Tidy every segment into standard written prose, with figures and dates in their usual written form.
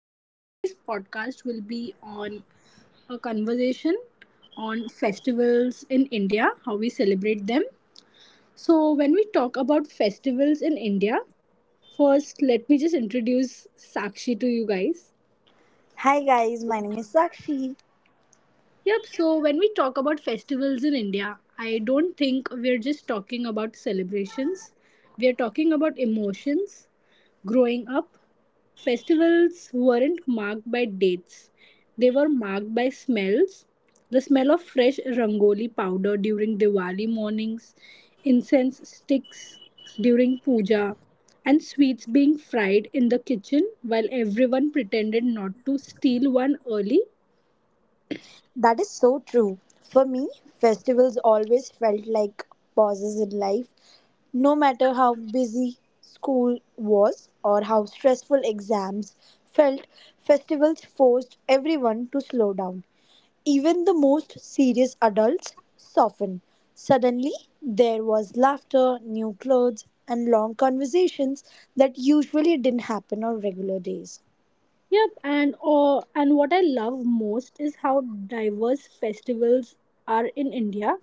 And today's podcast will be on a conversation on festivals in India, how we celebrate them. So, when we talk about festivals in India, first let me just introduce Sakshi to you guys. Hi guys, my name is Sakshi. Yep, so when we talk about festivals in India, I don't think we're just talking about celebrations, we're talking about emotions. Growing up, festivals weren't marked by dates, they were marked by smells. The smell of fresh rangoli powder during Diwali mornings, incense sticks during puja, and sweets being fried in the kitchen while everyone pretended not to steal one early. That is so true. For me, festivals always felt like pauses in life. No matter how busy school was or how stressful exams felt, festivals forced everyone to slow down. Even the most serious adults softened. Suddenly, there was laughter, new clothes, and long conversations that usually didn't happen on regular days. Yep, and what I love most is how diverse festivals are in India.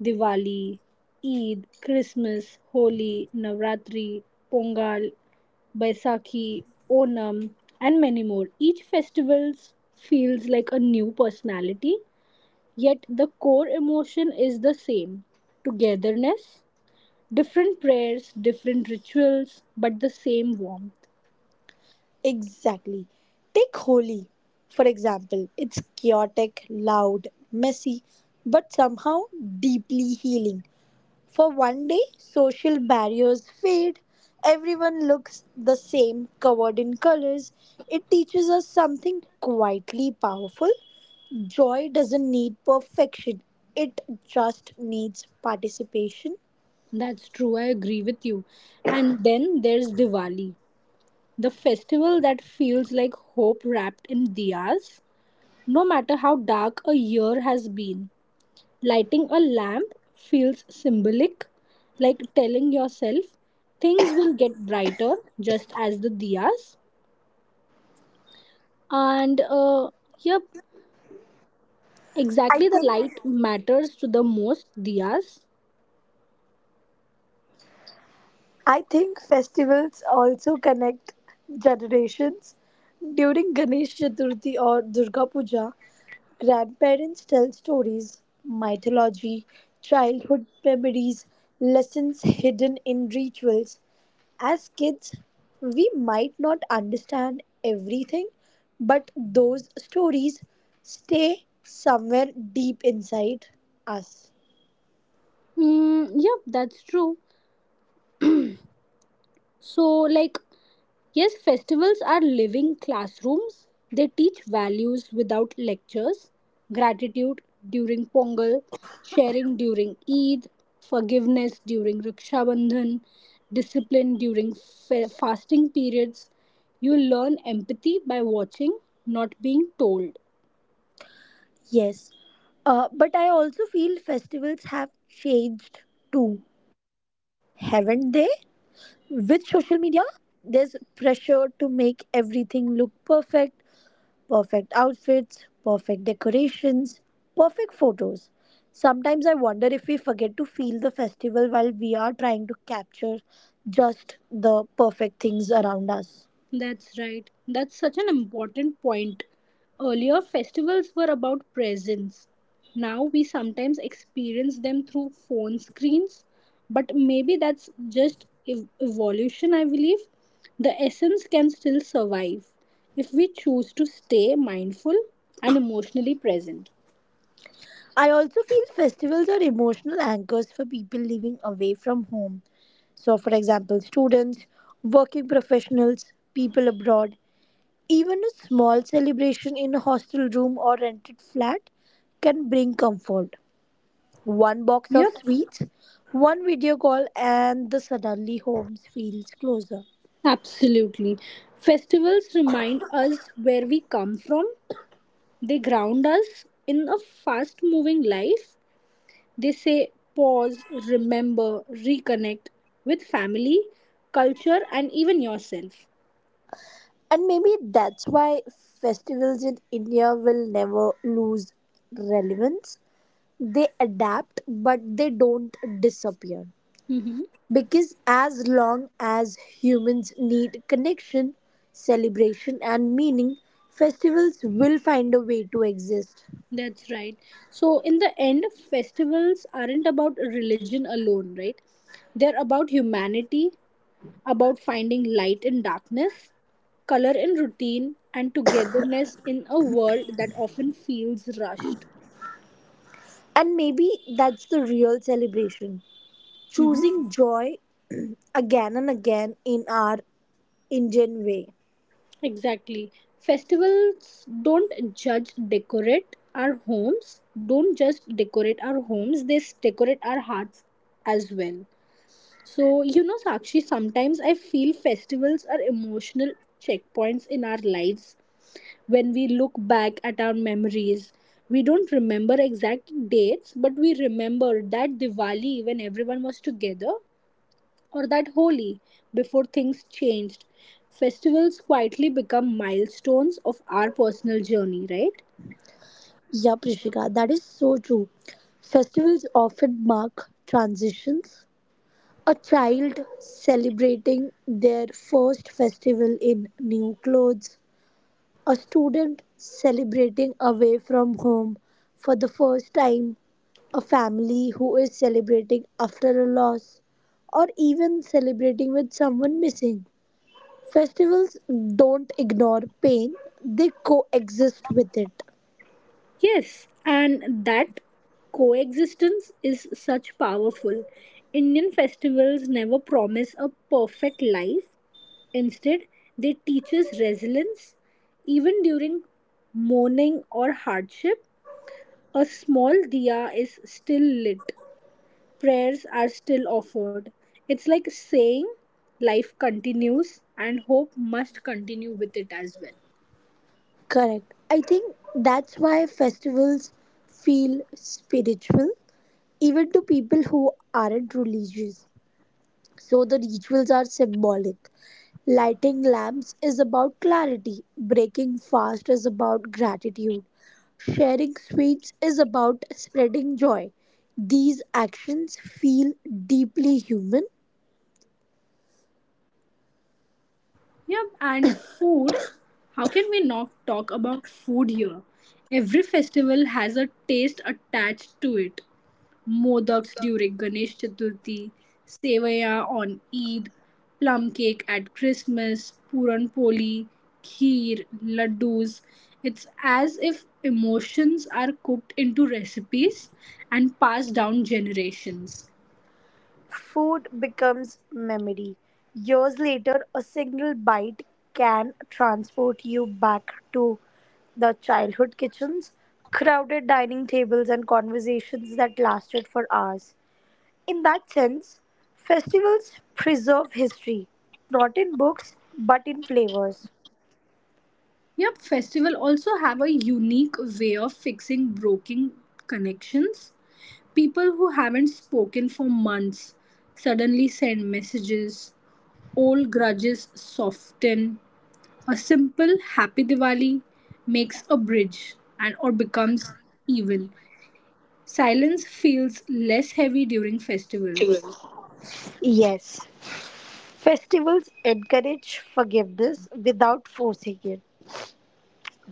Diwali, Eid, Christmas, Holi, Navratri, Pongal, Baisakhi, Onam, and many more. Each festival feels like a new personality, yet the core emotion is the same: togetherness, different prayers, different rituals, but the same warmth. Exactly. Take Holi, for example. It's chaotic, loud, messy, but somehow deeply healing. For one day, social barriers fade. Everyone looks the same, covered in colors. It teaches us something quietly powerful. Joy doesn't need perfection, it just needs participation. That's true, I agree with you. And then there's Diwali, the festival that feels like hope wrapped in diyas, no matter how dark a year has been. Lighting a lamp feels symbolic, like telling yourself things will get brighter just as the diyas. And yep, I exactly the think light matters to the most diyas. I think festivals also connect generations. During Ganesh Chaturthi or Durga Puja, grandparents tell stories, mythology, childhood memories, lessons hidden in rituals. As kids, we might not understand everything, but those stories stay somewhere deep inside us. Yep, that's true. So, like, yes, festivals are living classrooms. They teach values without lectures, gratitude during Pongal, sharing during Eid, forgiveness during Raksha Bandhan, discipline during fasting periods. You learn empathy by watching, not being told. Yes, but I also feel festivals have changed too, haven't they? With social media, there's pressure to make everything look perfect outfits, perfect decorations, perfect photos. Sometimes I wonder if we forget to feel the festival while we are trying to capture just the perfect things around us. That's right. That's such an important point. Earlier, festivals were about presence. Now, we sometimes experience them through phone screens, but maybe that's just evolution, I believe. The essence can still survive if we choose to stay mindful and emotionally present. I also feel festivals are emotional anchors for people living away from home. So, for example, students, working professionals, people abroad, even a small celebration in a hostel room or rented flat can bring comfort. One box of Yep, sweets, one video call, and the suddenly home feels closer. absolutely. Festivals remind us where we come from, they ground us in a fast moving life. They say pause, remember, reconnect with family, culture, and even yourself. And maybe that's why festivals in India will never lose relevance. They adapt, but they don't disappear. Mm-hmm. Because as long as humans need connection, celebration, and meaning, festivals will find a way to exist. That's right. So, in the end, festivals aren't about religion alone, right? They're about humanity, about finding light in darkness, color in routine, and togetherness in a world that often feels rushed. And maybe that's the real celebration Mm-hmm. choosing joy again and again in our Indian way. Exactly. Festivals don't just decorate our homes, don't just decorate our homes, they decorate our hearts as well. So, you know, Sakshi, sometimes I feel festivals are emotional checkpoints in our lives. When we look back at our memories, we don't remember exact dates, but we remember that Diwali when everyone was together or that holy before things changed, festivals quietly become milestones of our personal journey, right? Yeah, Prishika, that is so true. Festivals often mark transitions. A child celebrating their first festival in new clothes, a student celebrating away from home for the first time, a family who is celebrating after a loss, or even celebrating with someone missing. Festivals don't ignore pain, they coexist with it. Yes, and that coexistence is such powerful. Indian festivals never promise a perfect life. Instead, they teach us resilience. Even during mourning or hardship, a small diya is still lit, prayers are still offered. It's like saying life continues and hope must continue with it as well. Correct. I think that's why festivals feel spiritual, even to people who aren't religious. So the rituals are symbolic. Lighting lamps is about clarity, breaking fast is about gratitude, sharing sweets is about spreading joy. These actions feel deeply human. Yep, and food. How can we not talk about food here? Every festival has a taste attached to it. Modaks during Ganesh Chaturthi, sevaya on Eid, plum cake at Christmas, puran poli, kheer, laddus. It's as if emotions are cooked into recipes and passed down generations. Food becomes memory. Years later, a single bite can transport you back to the childhood kitchens, crowded dining tables, and conversations that lasted for hours. In that sense, festivals preserve history, not in books, but in flavors. Yep, festival also have a unique way of fixing broken connections. People who haven't spoken for months suddenly send messages, old grudges soften, a simple happy Diwali makes a bridge and or becomes even. Silence feels less heavy during festivals. Yes, festivals encourage forgiveness without forcing it.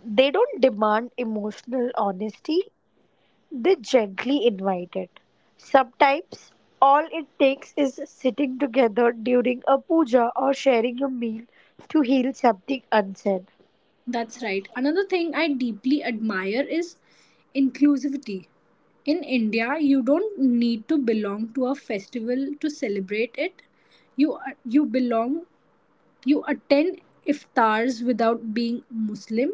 They don't demand emotional honesty, they gently invite it. Sometimes, all it takes is sitting together during a puja or sharing a meal to heal something unsaid. That's right. Another thing I deeply admire is inclusivity. In India, you don't need to belong to a festival to celebrate it. You belong. You attend iftars without being Muslim,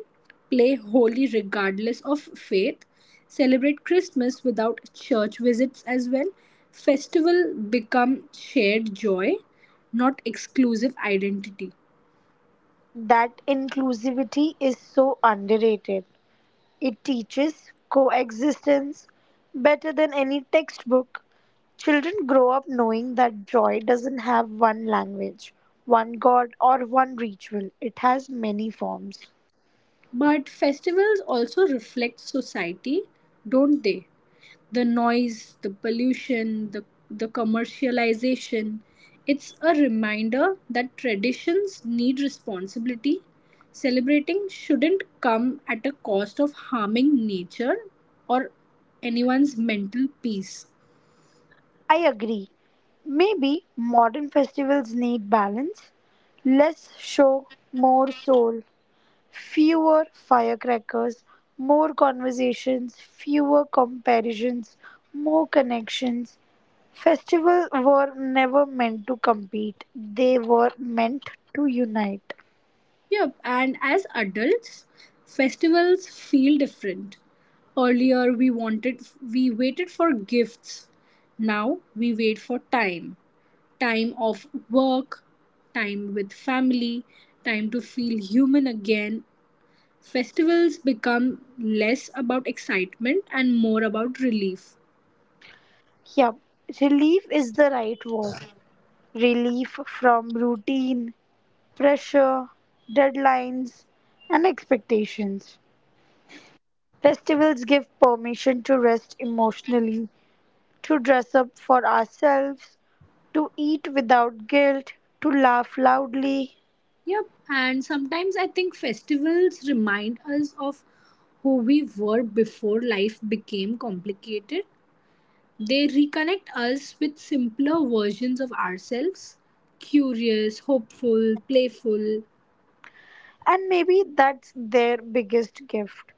play holy regardless of faith, celebrate Christmas without church visits as well. Festival become shared joy, not exclusive identity. That inclusivity is so underrated. It teaches coexistence better than any textbook. Children grow up knowing that joy doesn't have one language, one god, or one ritual, it has many forms. But festivals also reflect society, don't they? The noise, the pollution, the commercialization. It's a reminder that traditions need responsibility. Celebrating shouldn't come at a cost of harming nature or anyone's mental peace. I agree. Maybe modern festivals need balance. Less show, more soul. Fewer firecrackers, more conversations, fewer comparisons, more connections. Festivals were never meant to compete, they were meant to unite. Yep, and as adults, festivals feel different. Earlier we waited for gifts. Now we wait for time. Time of work, time with family, time to feel human again. Festivals become less about excitement and more about relief. Yup, relief is the right word. Relief from routine, pressure, deadlines, and expectations. Festivals give permission to rest emotionally, to dress up for ourselves, to eat without guilt, to laugh loudly. Yep, and sometimes I think festivals remind us of who we were before life became complicated. They reconnect us with simpler versions of ourselves, curious, hopeful, playful. And maybe that's their biggest gift.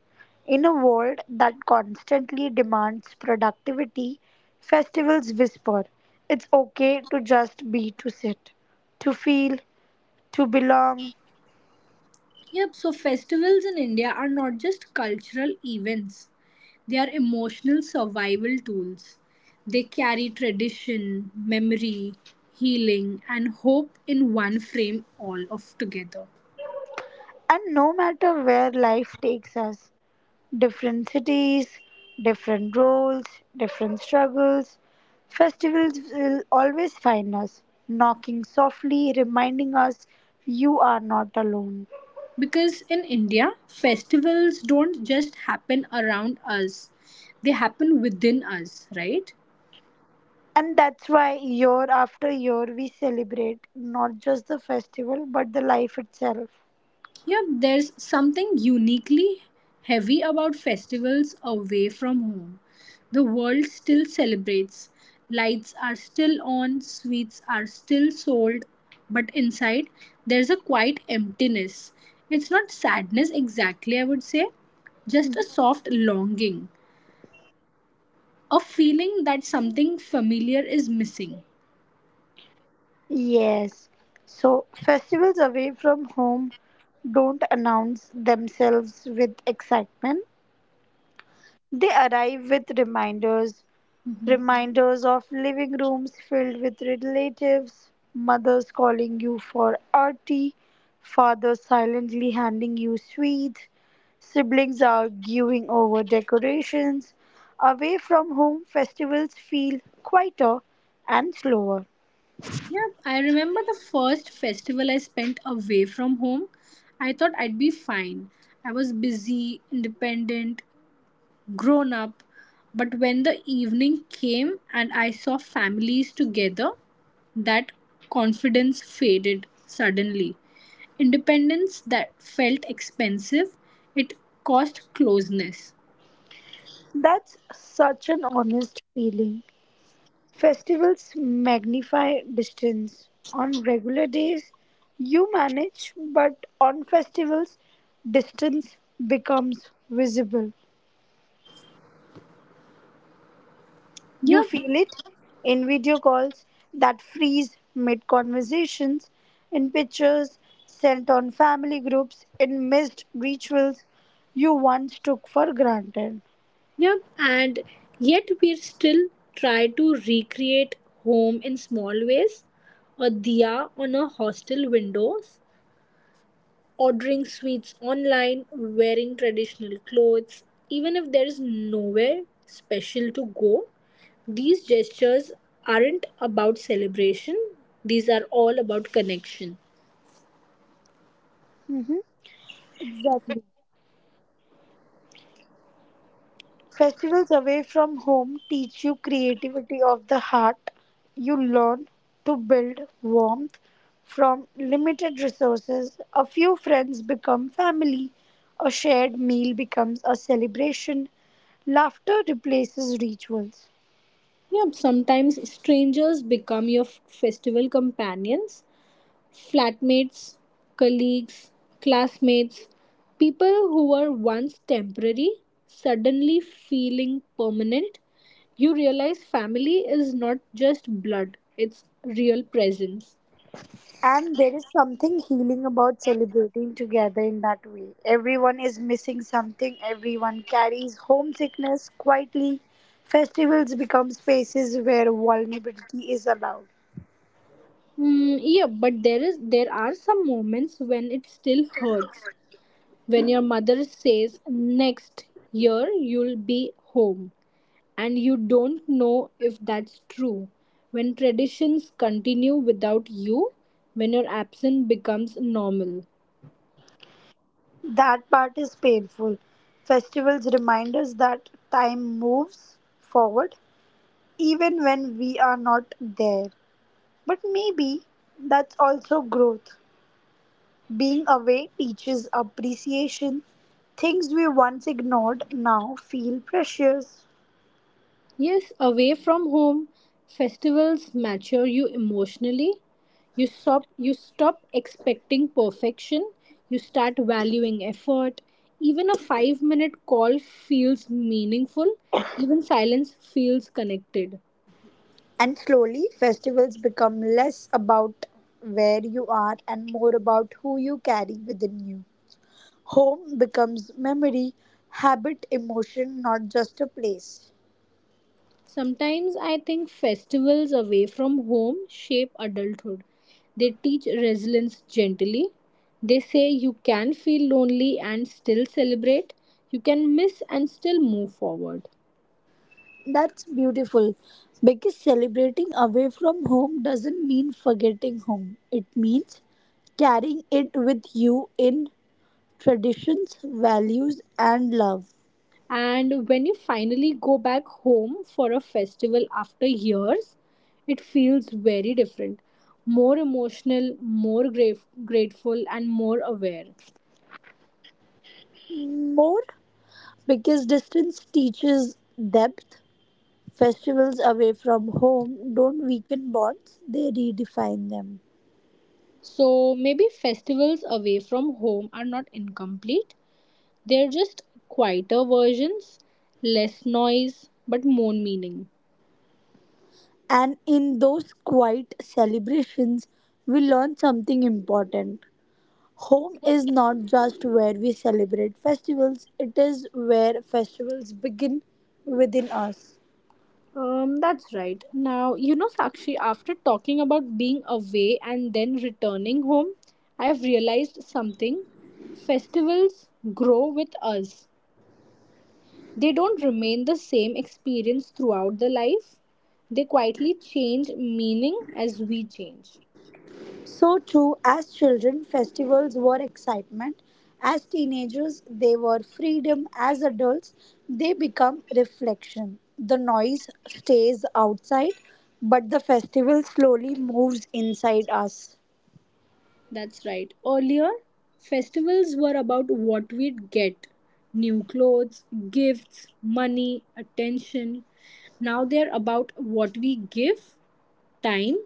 In a world that constantly demands productivity, festivals whisper it's okay to just be, to sit, to feel, to belong. Yep, so festivals in India are not just cultural events, they are emotional survival tools. They carry tradition, memory, healing, and hope in one frame all of together. And no matter where life takes us, different cities, different roles, different struggles, festivals will always find us, knocking softly, reminding us you are not alone. Because in India, festivals don't just happen around us, they happen within us, right? And that's why year after year we celebrate not just the festival but the life itself. Yep, there's something uniquely heavy about festivals away from home. The world still celebrates, lights are still on, sweets are still sold, but inside there's a quiet emptiness. It's not sadness exactly, I would say, just a Mhm. soft longing, a feeling that something familiar is missing. Yes. So, festivals away from home don't announce themselves with excitement, they arrive with reminders. Mhm. Reminders of living rooms filled with relatives, mothers calling you for arti, fathers silently handing you sweets, siblings arguing over decorations. Away from home, festivals feel quieter and slower. Yeah, I remember the first festival I spent away from home. I thought I'd be fine. I was busy, independent, grown up. But when the evening came and I saw families together, that confidence faded suddenly. Independence that felt expensive, it cost closeness. That's such an honest feeling. Festivals magnify distance. On regular days, you manage, but on festivals, distance becomes visible. You Yeah. feel it in video calls that freeze mid conversations, in pictures sent on family groups, in missed rituals you once took for granted. Yep, and yet we still try to recreate home in small ways. A diya on our hostel windows, ordering sweets online, wearing traditional clothes, even if there is nowhere special to go. These gestures aren't about celebration, these are all about connection. Exactly. Festivals away from home teach you creativity of the heart. You learn to build warmth from limited resources. A few friends become family. A shared meal becomes a celebration. Laughter replaces rituals. Yep, sometimes strangers become your festival companions. Flatmates, colleagues, classmates, people who were once temporary, suddenly feeling permanent, you realize family is not just blood, it's real presence. And there is something healing about celebrating together in that way. Everyone is missing something, everyone carries homesickness quietly. Festivals become spaces where vulnerability is allowed. Yeah, but there are some moments when it still hurts. When your mother says next year you'll be home, and you don't know if that's true. When traditions continue without you, when your absence becomes normal. That part is painful. Festivals remind us that time moves forward even when we are not there. But maybe that's also growth. Being away teaches appreciation. Things we once ignored now feel precious. Yes, away from home, festivals mature you emotionally. You stop expecting perfection. You start valuing effort. Even a 5-minute call feels meaningful. Even silence feels connected. And slowly, festivals become less about where you are and more about who you carry within you. Home becomes memory, habit, emotion, not just a place. Sometimes I think festivals away from home shape adulthood. They teach resilience gently. They say you can feel lonely and still celebrate, you can miss and still move forward. That's beautiful. Because celebrating away from home doesn't mean forgetting home. It means carrying it with you in traditions, values, and love. And when you finally go back home for a festival after years, it feels very different, more emotional, more grave, grateful, and more aware. More because distance teaches depth. Festivals away from home don't weaken bonds, they redefine them. So maybe festivals away from home are not incomplete, they're just quieter versions, less noise, but more meaning. And in those quiet celebrations, we learn something important. Home is not just where we celebrate festivals, it is where festivals begin within us. That's right. Now, you know, Sakshi, after talking about being away and then returning home, I've realized something. Festivals grow with us, they don't remain the same experience throughout the life, they quietly change meaning as we change. So, too, as children, festivals were excitement. As teenagers, they were freedom. As adults, they become reflection. The noise stays outside, but the festival slowly moves inside us. That's right. Earlier, festivals were about what we'd get, new clothes, gifts, money, attention. Now they're about what we give, time,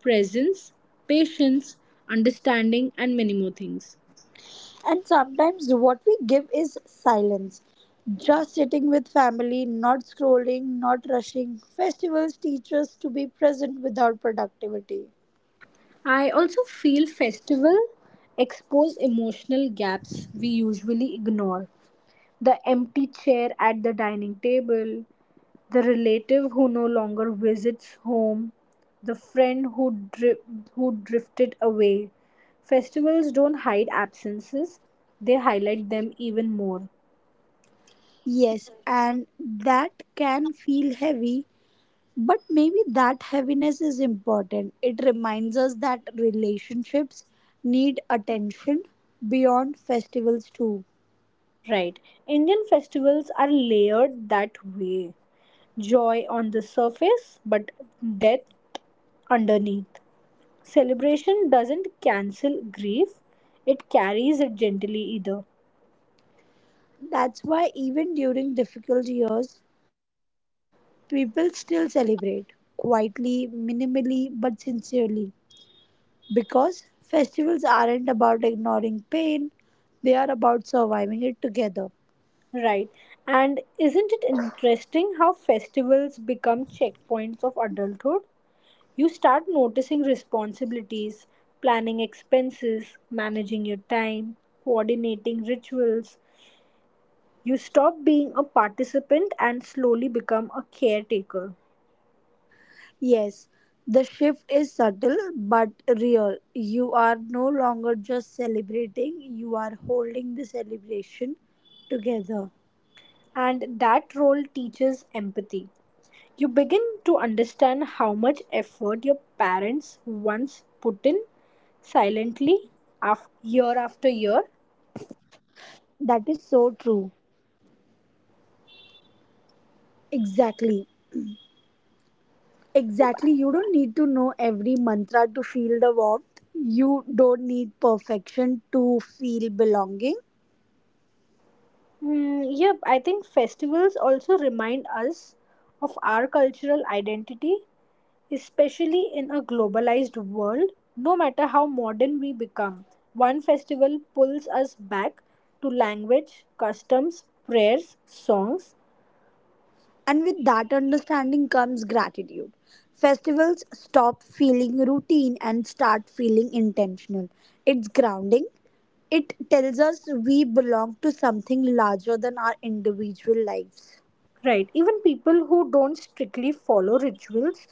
presence, patience, understanding, and many more things. And sometimes what we give is silence. Just sitting with family, not scrolling, not rushing. Festivals teach us to be present without productivity. I also feel festival expose emotional gaps we usually ignore. The empty chair at the dining table, the relative who no longer visits home, the friend who, who drifted away. Festivals don't hide absences, they highlight them even more. Yes, and that can feel heavy, but maybe that heaviness is important. It reminds us that relationships need attention beyond festivals, too. Right. Indian festivals are layered that way. Joy on the surface, but death underneath. Celebration doesn't cancel grief, it carries it gently either. That's why, even during difficult years, people still celebrate quietly, minimally, but sincerely because festivals aren't about ignoring pain, they are about surviving it together. Right. And isn't it interesting how festivals become checkpoints of adulthood? You start noticing responsibilities, planning expenses, managing your time, coordinating rituals. You stop being a participant and slowly become a caretaker. Yes, the shift is subtle but real. You are no longer just celebrating, you are holding the celebration together. And that role teaches empathy. You begin to understand how much effort your parents once put in silently after year after year. That is so true. Exactly. Exactly. You don't need to know every mantra to feel the warmth. You don't need perfection to feel belonging. Hmm, yep, I think festivals also remind us of our cultural identity, especially in a globalized world. No matter how modern we become, one festival pulls us back to language, customs, prayers, songs. And with that understanding comes gratitude. Festivals stop feeling routine and start feeling intentional. It's grounding. It tells us we belong to something larger than our individual lives. Right, even people who don't strictly follow rituals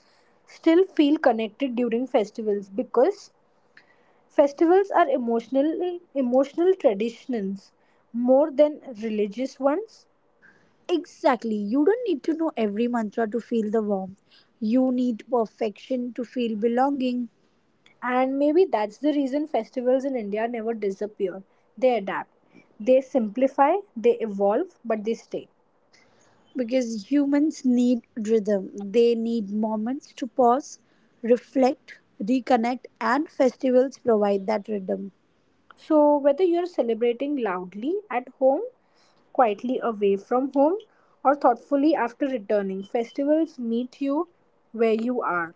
still feel connected during festivals because festivals are emotional traditions more than religious ones. Exactly. You don't need to know every mantra to feel the warmth. You need perfection to feel belonging. And maybe that's the reason festivals in India never disappear. They adapt, they simplify, they evolve, but they stay. Because humans need rhythm. They need moments to pause, reflect, reconnect, and festivals provide that rhythm. So, whether you're celebrating loudly at home, quietly away from home, or thoughtfully after returning, festivals meet you where you are.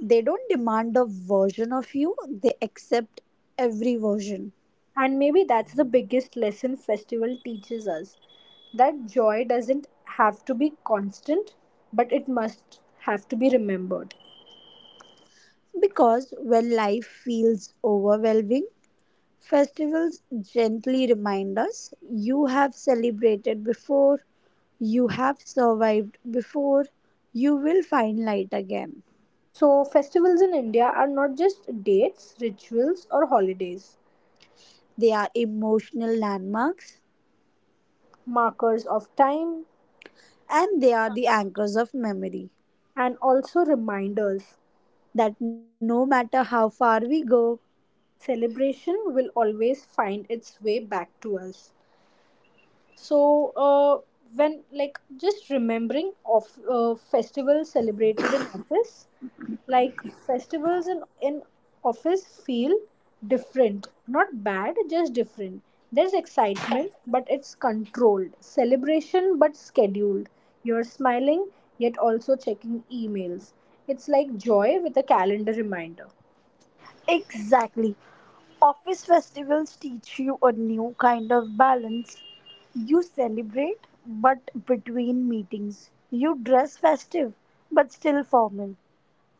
They don't demand a version of you, they accept every version. And maybe that's the biggest lesson festival teaches us, that joy doesn't have to be constant, but it must have to be remembered. Because when life feels overwhelming, festivals gently remind us you have celebrated before, you have survived before, you will find light again. So, festivals in India are not just dates, rituals, or holidays, They are emotional landmarks markers of time, and they are the anchors of memory and also reminders. that no matter how far we go, Celebration will always find its way back to us. So when like just remembering of festivals celebrated in office, like festivals in office feel different, not bad, just different. There's excitement but it's controlled, celebration but scheduled, you're smiling yet also checking emails, it's like joy with a calendar reminder. Exactly. Office festivals teach you a new kind of balance. You celebrate, but between meetings. You dress festive, but still formal.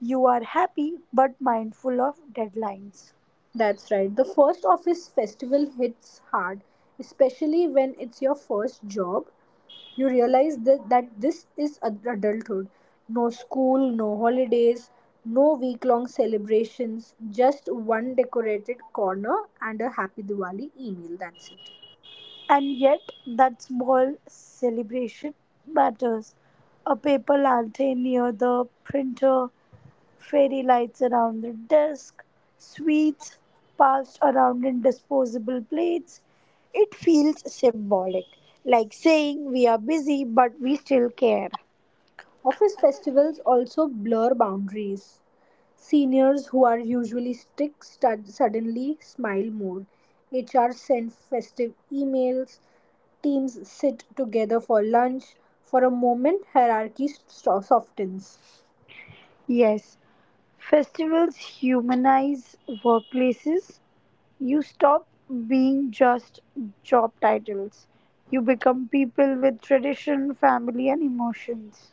You are happy, but mindful of deadlines. That's right. The first office festival hits hard, especially when it's your first job. You realize that this is adulthood. No school, no holidays, no week long celebrations, just one decorated corner and a happy Diwali email. That's it. And yet, that small celebration matters. A paper latte near the printer, fairy lights around the desk, sweets passed around in disposable plates. It feels symbolic, like saying we are busy but we still care. Office festivals also blur boundaries. Seniors who are usually strict suddenly smile more. HR send festive emails. Teams sit together for lunch. For a moment, hierarchy softens. Yes, festivals humanize workplaces. You stop being just job titles. You become people with tradition, family, and emotions.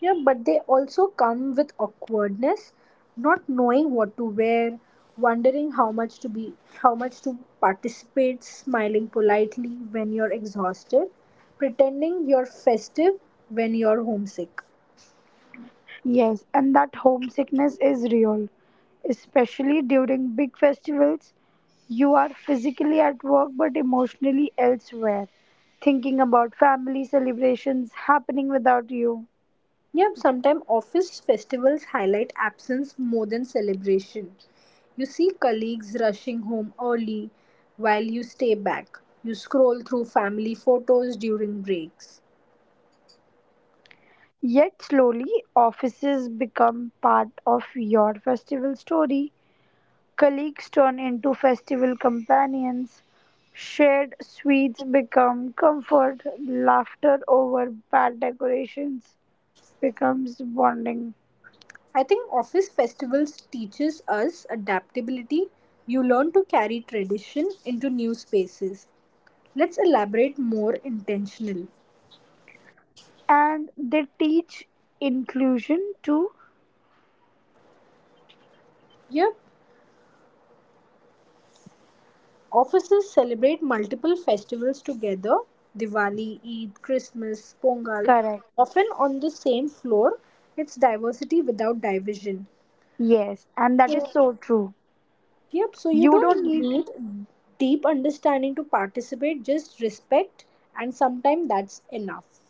Yeah, but they also come with awkwardness, not knowing what to wear, wondering how much to participate, smiling politely when you're exhausted, pretending you're festive when you're homesick. Yes, and that homesickness is real, especially during big festivals. You are physically at work but emotionally elsewhere, thinking about family celebrations happening without you. Yeah, sometimes office festivals highlight absence more than celebration. You see colleagues rushing home early while you stay back. You scroll through family photos during breaks. Yet, slowly, offices become part of your festival story. Colleagues turn into festival companions. Shared sweets become comfort. Laughter over bad decorations becomes bonding. I think office festivals teaches us adaptability. You learn to carry tradition into new spaces. Let's elaborate more intentional. And they teach inclusion too. Yep. Offices celebrate multiple festivals together, Diwali, Eid, Christmas, Pongal, Correct. often on the same floor. It's diversity without division. Yes, and that is so true. Yep, so you You don't don't need need deep understanding to participate, just respect, and sometimes that's enough.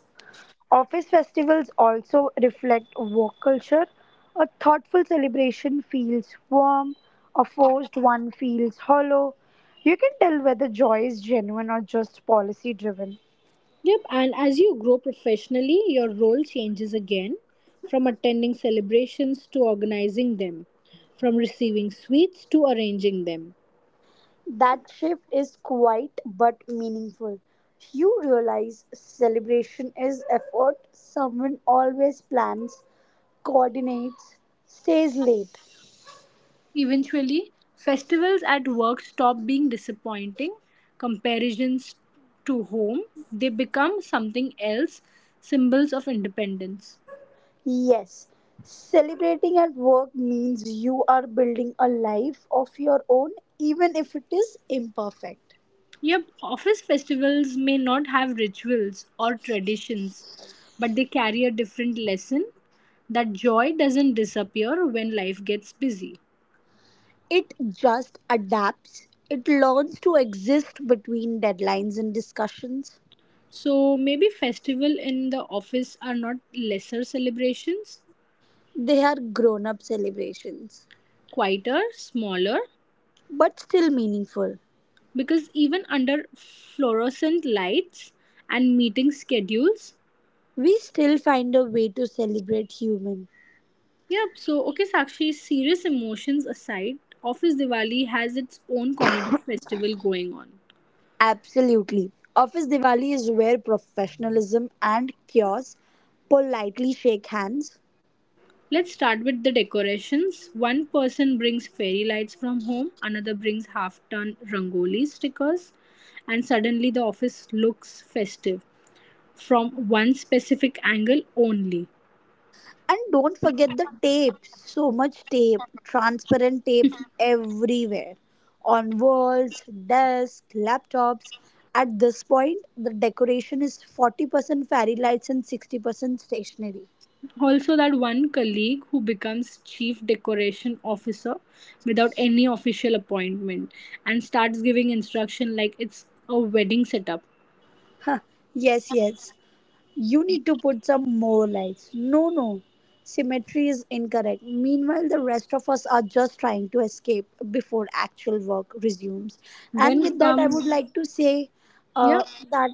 office festivals also reflect work culture. A thoughtful celebration feels warm, a forced one feels hollow. You can tell whether joy is genuine or just policy driven. Yep, and as you grow professionally, your role changes again, from attending celebrations to organizing them, from receiving sweets to arranging them. That shift is quiet but meaningful. You realize celebration is effort someone always plans coordinates, stays late. Eventually, festivals at work stop being disappointing comparisons to home, they become something else, symbols of independence. Yes, celebrating at work means you are building a life of your own, even if it is imperfect. Yep, office festivals may not have rituals or traditions, but they carry a different lesson, that joy doesn't disappear when life gets busy. It just adapts, it learns to exist between deadlines and discussions. So maybe festival in the office are not lesser celebrations, They are grown up celebrations, quieter, smaller, but still meaningful. because even under fluorescent lights and meeting schedules. We still find a way to celebrate human. Yep, so okay Sakshi, serious emotions aside, Office Diwali has its own comedy festival going on. Absolutely. Office Diwali is where professionalism and chaos politely shake hands. Let's start with the decorations. One person brings fairy lights from home, another brings half ton rangoli stickers, and suddenly the office looks festive from one specific angle only. And don't forget the tape. So much tape, transparent tape everywhere. On walls, desks, laptops. At this point, the decoration is 40% fairy lights and 60% stationery. Also, that one colleague who becomes chief decoration officer without any official appointment and starts giving instruction like it's a wedding setup. Huh. Yes, yes. You need to put some more lights. No, no. Symmetry is incorrect. Meanwhile, the rest of us are just trying to escape before actual work resumes. And Then with that, I would comes, like to say yeah, uh, that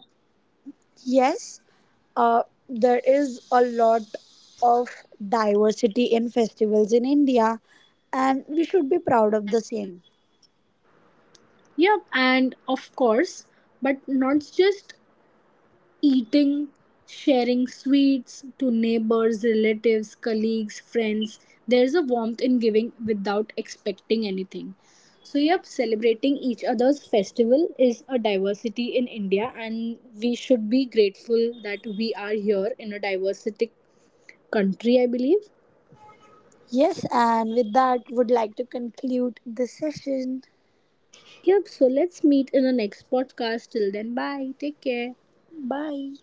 yes, uh, there is a lot of diversity in festivals in India, and we should be proud of the same. yeah, and of course, but not just eating, sharing sweets to neighbors, relatives, colleagues, friends. There's a warmth in giving without expecting anything. So, yep, celebrating each other's festival is a diversity in India, and we should be grateful that we are here in a diversity country, I believe. Yes, and with that, would like to conclude the session. Yep, so let's meet in the next podcast. Till then, bye. Take care. Bye.